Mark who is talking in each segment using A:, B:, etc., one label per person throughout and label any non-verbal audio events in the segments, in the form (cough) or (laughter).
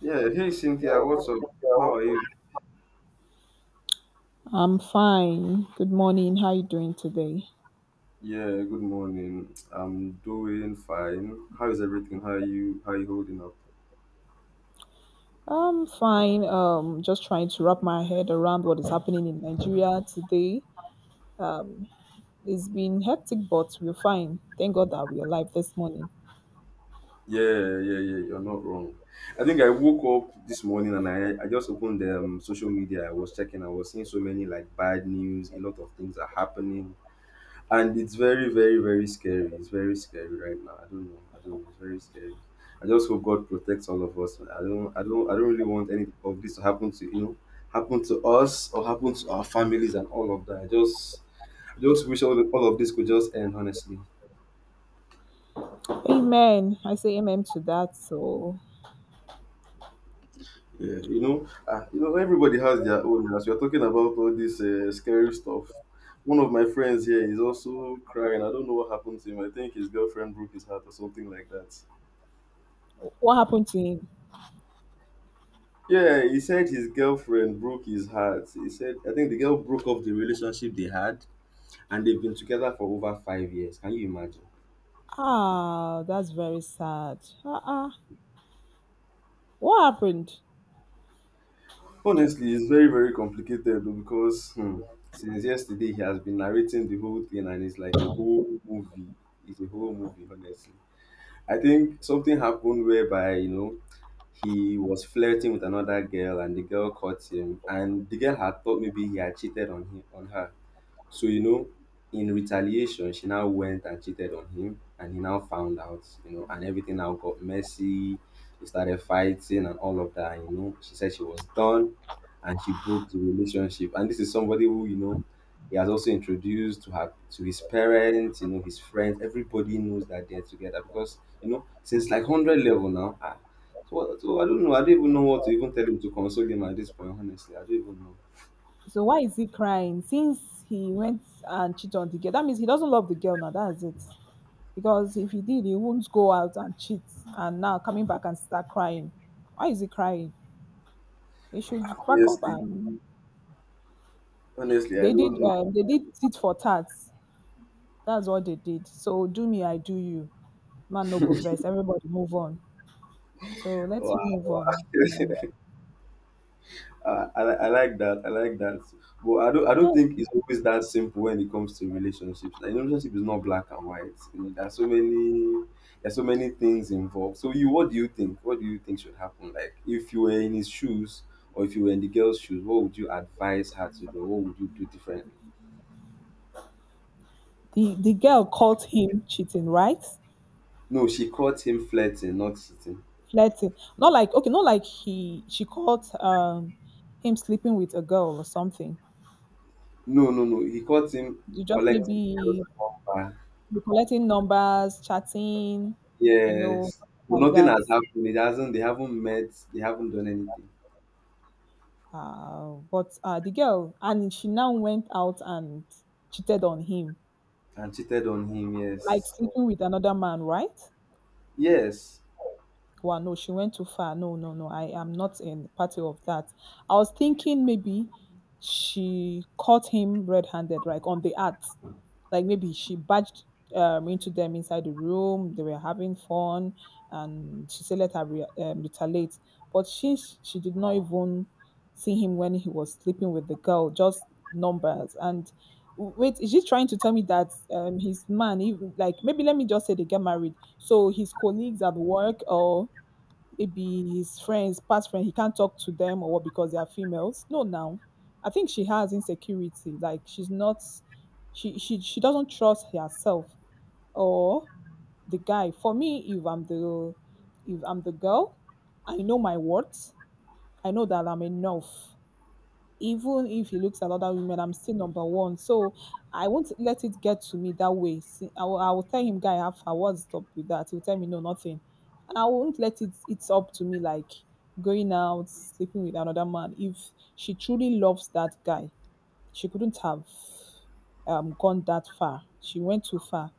A: Yeah, hey Cynthia, what's up? How are you?
B: I'm fine. Good morning. How are you doing today?
A: Yeah, good morning. I'm doing fine. How is everything? How are you? How are you holding up?
B: I'm fine. Just trying to wrap my head around what is happening in Nigeria today. It's been hectic, but we're fine. Thank God that we're alive this morning.
A: Yeah, yeah, yeah. You're not wrong. I think I woke up this morning and I just opened social media. I was checking. I was seeing so many like bad news. A lot of things are happening. And it's very, very, very scary. It's very scary right now. I don't know. I don't know. It's very scary. I just hope God protects all of us. I don't really want any of this to happen to happen to us or happen to our families and all of that. I just wish all of this could just end, honestly.
B: Amen. I say amen to that. So,
A: Yeah, everybody has their own. As we are talking about all this scary stuff, one of my friends here is also crying. I don't know what happened to him. I think his girlfriend broke his heart or something like that.
B: what happened to him?
A: Yeah, he said his girlfriend broke his heart. He said, I think the girl broke off the relationship they had, and they've been together for over 5 years. Can you imagine?
B: Ah, that's very sad. Ah, what happened?
A: Honestly, it's very, very complicated though, because since yesterday he has been narrating the whole thing, and it's like a whole movie. It's a whole movie, honestly. I think something happened whereby, he was flirting with another girl, and the girl caught him, and the girl had thought maybe he had cheated on him, on her. So, in retaliation, she now went and cheated on him, and he now found out, and everything now got messy. They started fighting and all of that. She said she was done, and she broke the relationship. And this is somebody who, he has also introduced to her to his parents, his friends. Everybody knows that they're together because, since like 100 level now, so I don't know. I don't even know what to even tell him to console him at this point, honestly. I don't even know.
B: So why is he crying? Since he went and cheated on the girl, that means he doesn't love the girl now. That's it. Because if he did, he won't go out and cheat and now coming back and start crying. Why is he crying? He should back up
A: Honestly,
B: and
A: honestly, I don't know.
B: they did tit for tat. That's what they did. So do me, I do you. Man no go verse. Everybody move on. So let
A: Wow,
B: him move
A: wow.
B: on.
A: (laughs) I like that. I like that. But I don't. I don't
B: Yes.
A: think it's always that simple when it comes to relationships. Like, relationship is not black and white. There's so many. There's so many things involved. So what do you think? What do you think should happen? Like, if you were in his shoes, or if you were in the girl's shoes, what would you advise her to do? What would you do differently?
B: The girl caught him cheating, right?
A: No, she caught him flirting, not cheating.
B: Flirting. Not like okay, not like he she caught him sleeping with a girl or something.
A: No, no, no. He caught him
B: You just
A: collecting girls'
B: maybe
A: number.
B: be collecting numbers, chatting, you know,
A: Yes, but
B: something like
A: nothing
B: that.
A: has happened. It hasn't. They haven't met. They haven't done anything.
B: But the girl, and she now went out and cheated on him,
A: And cheated on him.
B: like
A: Yes.
B: sleeping with another man, right?
A: Yes.
B: Wow, no, she went too far. No, no, no. I am not in party of that. I was thinking maybe she caught him red-handed, like on the act. Like maybe she barged into them inside the room. They were having fun, and she said let her retaliate. But she did not even see him when he was sleeping with the girl, just numbers and wait, is she trying to tell me that his man, even like maybe let me just say they get married, so his colleagues at work or maybe his friends, past friend, he can't talk to them or what because they are females? No now, I think she has insecurity, like she's not she doesn't trust herself or the guy. For me, if I'm the girl, I know my worth, I know that I'm enough. Even if he looks at other women, I'm still number one. So I won't let it get to me that way. See, I will tell him, guy, I have what's up with that? He'll tell me, no, nothing. And I won't let it, it's up to me, like going out, sleeping with another man. If she truly loves that guy, she couldn't have gone that far. She went too far.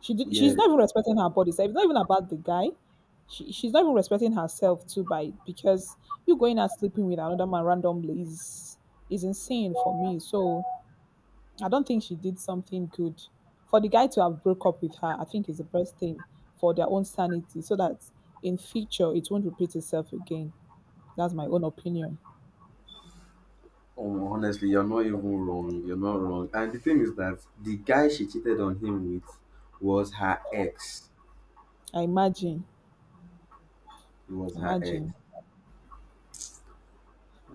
B: She did,
A: Yeah.
B: she's not even respecting her body. So it's not even about the guy. She's not even respecting herself too by because you going out sleeping with another man randomly is insane for me. So I don't think she did something good. For the guy to have broke up with her, I think is the best thing for their own sanity so that in future it won't repeat itself again. That's my own opinion.
A: Honestly, you're not even wrong. You're not wrong. And the thing is that the guy she cheated on him with was her ex.
B: I imagine.
A: It was her ex.
B: Imagine.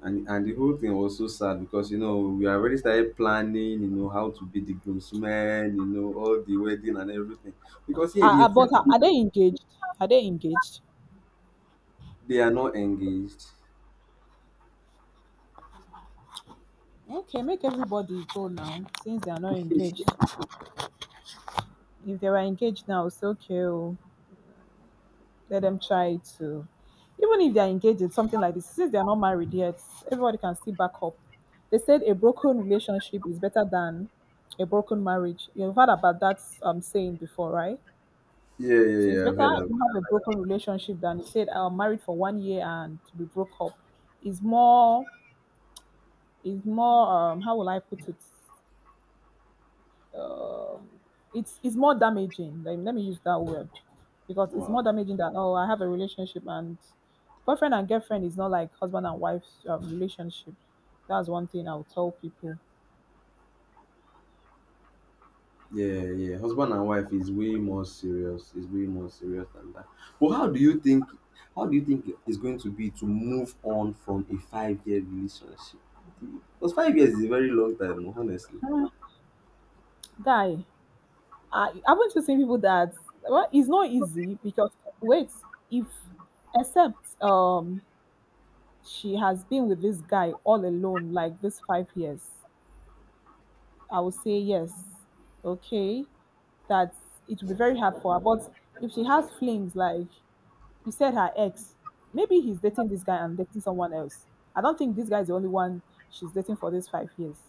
A: And the whole thing was so sad, because we already started planning. You know how to be the groomsmen. You know all the wedding and everything. Because yeah, they
B: But are they engaged? Are they engaged?
A: they are not engaged.
B: Okay, make everybody go now since they are not engaged. If they were engaged now, it's okay. Oh, let them try to, even if they are engaged in something like this, since they are not married yet, everybody can still back up. They said a broken relationship is better than a broken marriage. You've heard about that saying before, right?
A: Yeah, yeah,
B: So it's
A: yeah. I've
B: better,
A: heard
B: yes,
A: of
B: you
A: that.
B: have a broken relationship than you said I'm married for 1 year and to be broke up. Is more is more, how will I put it? It's more damaging. Like, let me use that word because it's
A: Wow.
B: more damaging than oh, I have a relationship, and boyfriend and girlfriend is not like husband and wife relationship. That's one thing I'll tell people. (sighs)
A: Yeah, yeah. Husband and wife is way more serious. Is way more serious than that. But how do you think? How do you think it's going to be to move on from a 5-year relationship? Because 5 years is a very long time, honestly.
B: Ah, guy, I haven't you seen people that, well, it's not easy because wait, if except she has been with this guy all alone like this 5 years, I would say yes, okay, that it would be very hard for her. But if she has flings, like you said her ex. Maybe he's dating this guy and dating someone else. I don't think this guy is the only one she's dating for these 5 years.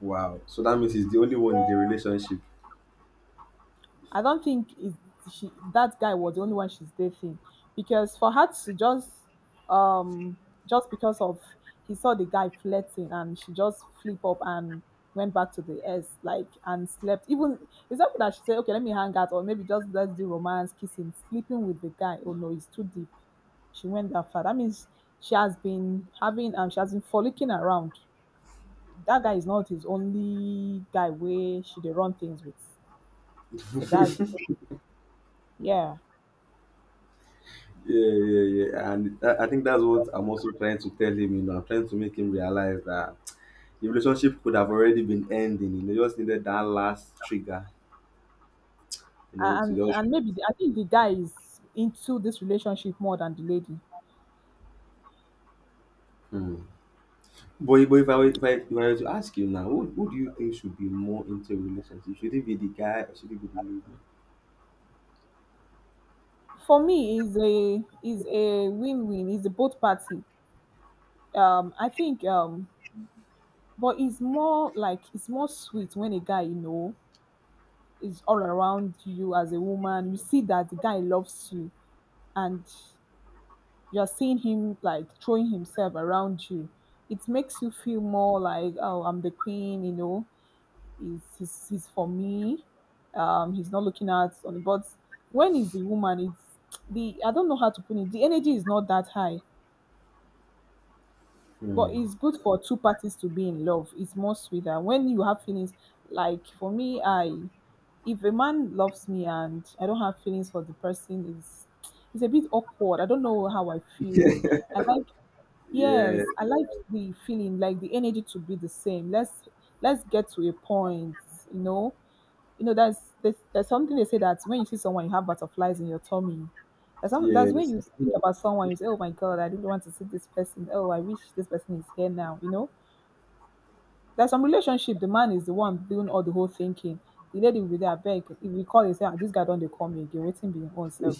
A: Wow. So that means he's the only one in the relationship.
B: I don't think is she that guy was the only one she's dating, because for her to um just because of he saw the guy flirting and she just flip up and went back to the ex like and slept, even it's not that she said okay let me hang out or maybe just let's do romance kissing sleeping with the guy, oh no, it's too deep. She went that far, that means she has been having she has been frolicking around. That guy is not his only guy where she dey run things with. So that's, yeah,
A: Yeah, yeah, yeah. And I think that's what I'm also trying to tell him. I'm trying to make him realize that the relationship could have already been ending. Just needed that last trigger. To just.
B: and maybe the, I think the guy is into this relationship more than the lady.
A: But if I were to ask you now, who do you think should be more into a relationship? Should it be the guy, or should it be
B: For me, is a win win. Is a both party. I think. But it's more like it's more sweet when a guy, you know, is all around you as a woman. You see that the guy loves you, and you're seeing him like throwing himself around you. It makes you feel more like oh, I'm the queen, you know. He's for me. He's not looking at on the, but when he's the woman, it's the I don't know how to put it. The energy is not that high,
A: the lady?
B: but
A: Hmm.
B: it's good for two parties to be in love. It's more sweeter when you have feelings. Like for me, I if a man loves me and I don't have feelings for the person, is it's a bit awkward. I don't know how I feel.
A: (laughs)
B: I like,
A: Yeah,
B: yes, I like the feeling, like the energy to be the same. Let's get to a point, you know. You know, there's something they say that when you see someone, you have butterflies in your tummy. That's when
A: yes.
B: you think about someone, you say, "Oh my God, I didn't want to see this person. Oh, I wish this person is here now." You know, there's some relationship. The man is the one doing all the whole thinking. The lady will be there, beg. If we call, and say, ah, "This guy don't they call me again, waiting be himself."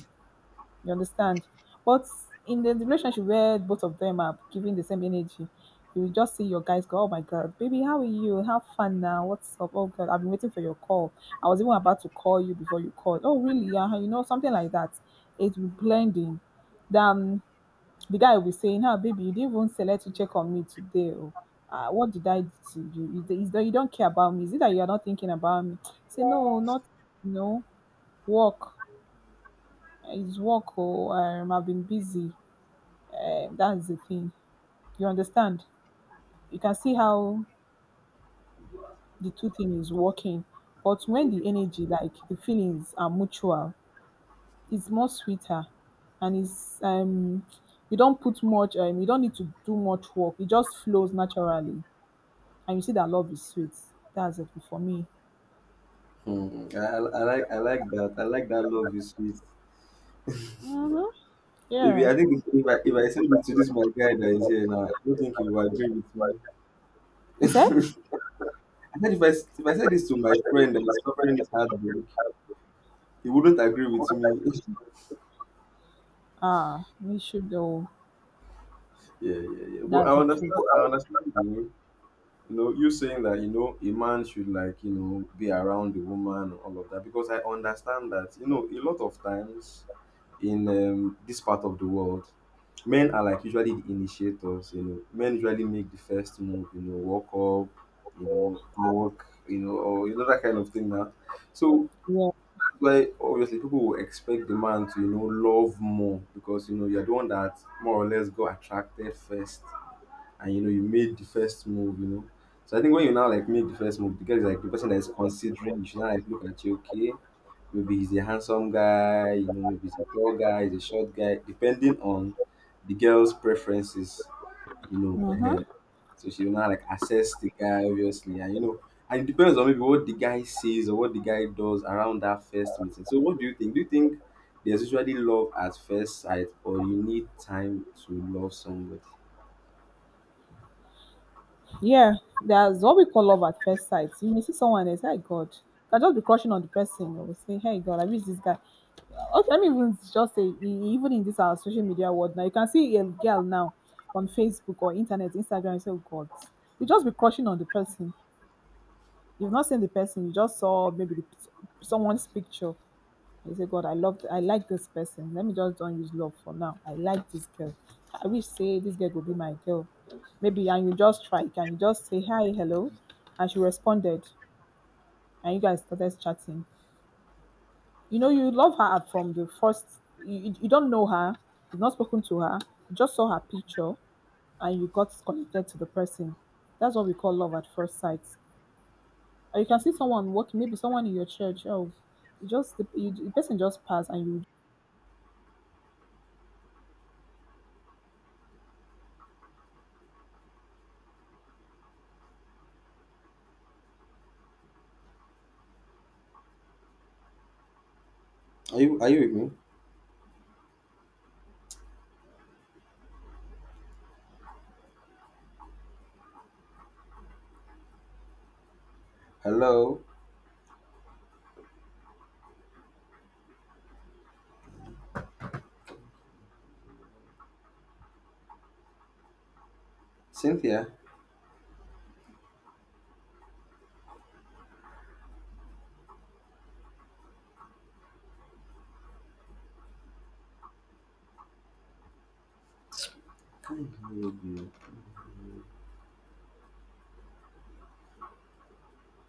B: You understand? But in the relationship where both of them are giving the same energy, you will just see your guys go, "Oh my God, baby, how are you? Have fun now. What's up? Oh God, I've been waiting for your call. I was even about to call you before you called." "Oh, really? Yeah," you know, something like that. It will be blending. Then the guy will be saying, "Ah, baby, you didn't even select to check on me today. Oh. What did I do to you? Is that you don't care about me? Is it that you are not thinking about me?" (tsk) Say, "No, not, no, work. It's work. Oh, I've been busy." Eh, that's the thing. You understand? You can see how the two thing is working. But when the energy, like the feelings, are mutual, it's more sweeter, and it's you don't put much. You don't need to do much work. It just flows naturally, and you see that love is sweet. That's it for me.
A: Hmm. I like that. I like that love is sweet.
B: Mm-hmm.
A: If
B: Yeah.
A: I think if I said it to this my guy that is here now, I don't think he will agree with me.
B: You said?
A: (laughs) I said if I said this to my friend that is suffering this heartbreak, he wouldn't agree with me. (laughs)
B: Ah, we should though.
A: Yeah, yeah, yeah. But
B: That's
A: I
B: the truth.
A: understand. I understand. You saying that, a man should like, be around the woman and all of that, because I understand that, a lot of times in this part of the world, men are like usually the initiators, men usually make the first move, walk up, talk, or, that kind of thing now. So,
B: Yeah.
A: that's why obviously people will expect the man to, love more, because, you're the one that more or less got attracted first, and you made the first move. So I think when you now like make the first move, the girl is like the person that is considering you should now like look at you. Okay, maybe he's a handsome guy, maybe he's a tall guy, he's a short guy, depending on the girl's preferences, you know. Uh, so she will now like assess the guy, obviously, and it depends on maybe what the guy says or what the guy does around that first meeting. So what do you think? Do you think there's usually love at first sight, or you need time to love somebody?
B: Yeah, there's what we call love at first sight. You may see someone and say, "Hey God," you can just be crushing on the person. You will say, "Hey God, I miss this guy." Okay, let me even just say, even in this our social media world now, you can see a girl now on Facebook or internet, Instagram. You say, "Oh God," you just be crushing on the person. You've not seen the person. You just saw maybe someone's picture. You say, God, I like this person. Let me just don't use love for now. I like this girl. I wish say this girl will be my girl. Maybe and you just try. Can you just say hi, hello? And she responded, and you guys started chatting. You know, you love her from the first. You don't know her. You've not spoken to her. You just saw her picture, and you got connected to the person. That's what we call love at first sight, or you can see someone walking, maybe someone in your church. Oh, you just the person just passed and you
A: Are you with me? Hello, Cynthia. Hello, dear.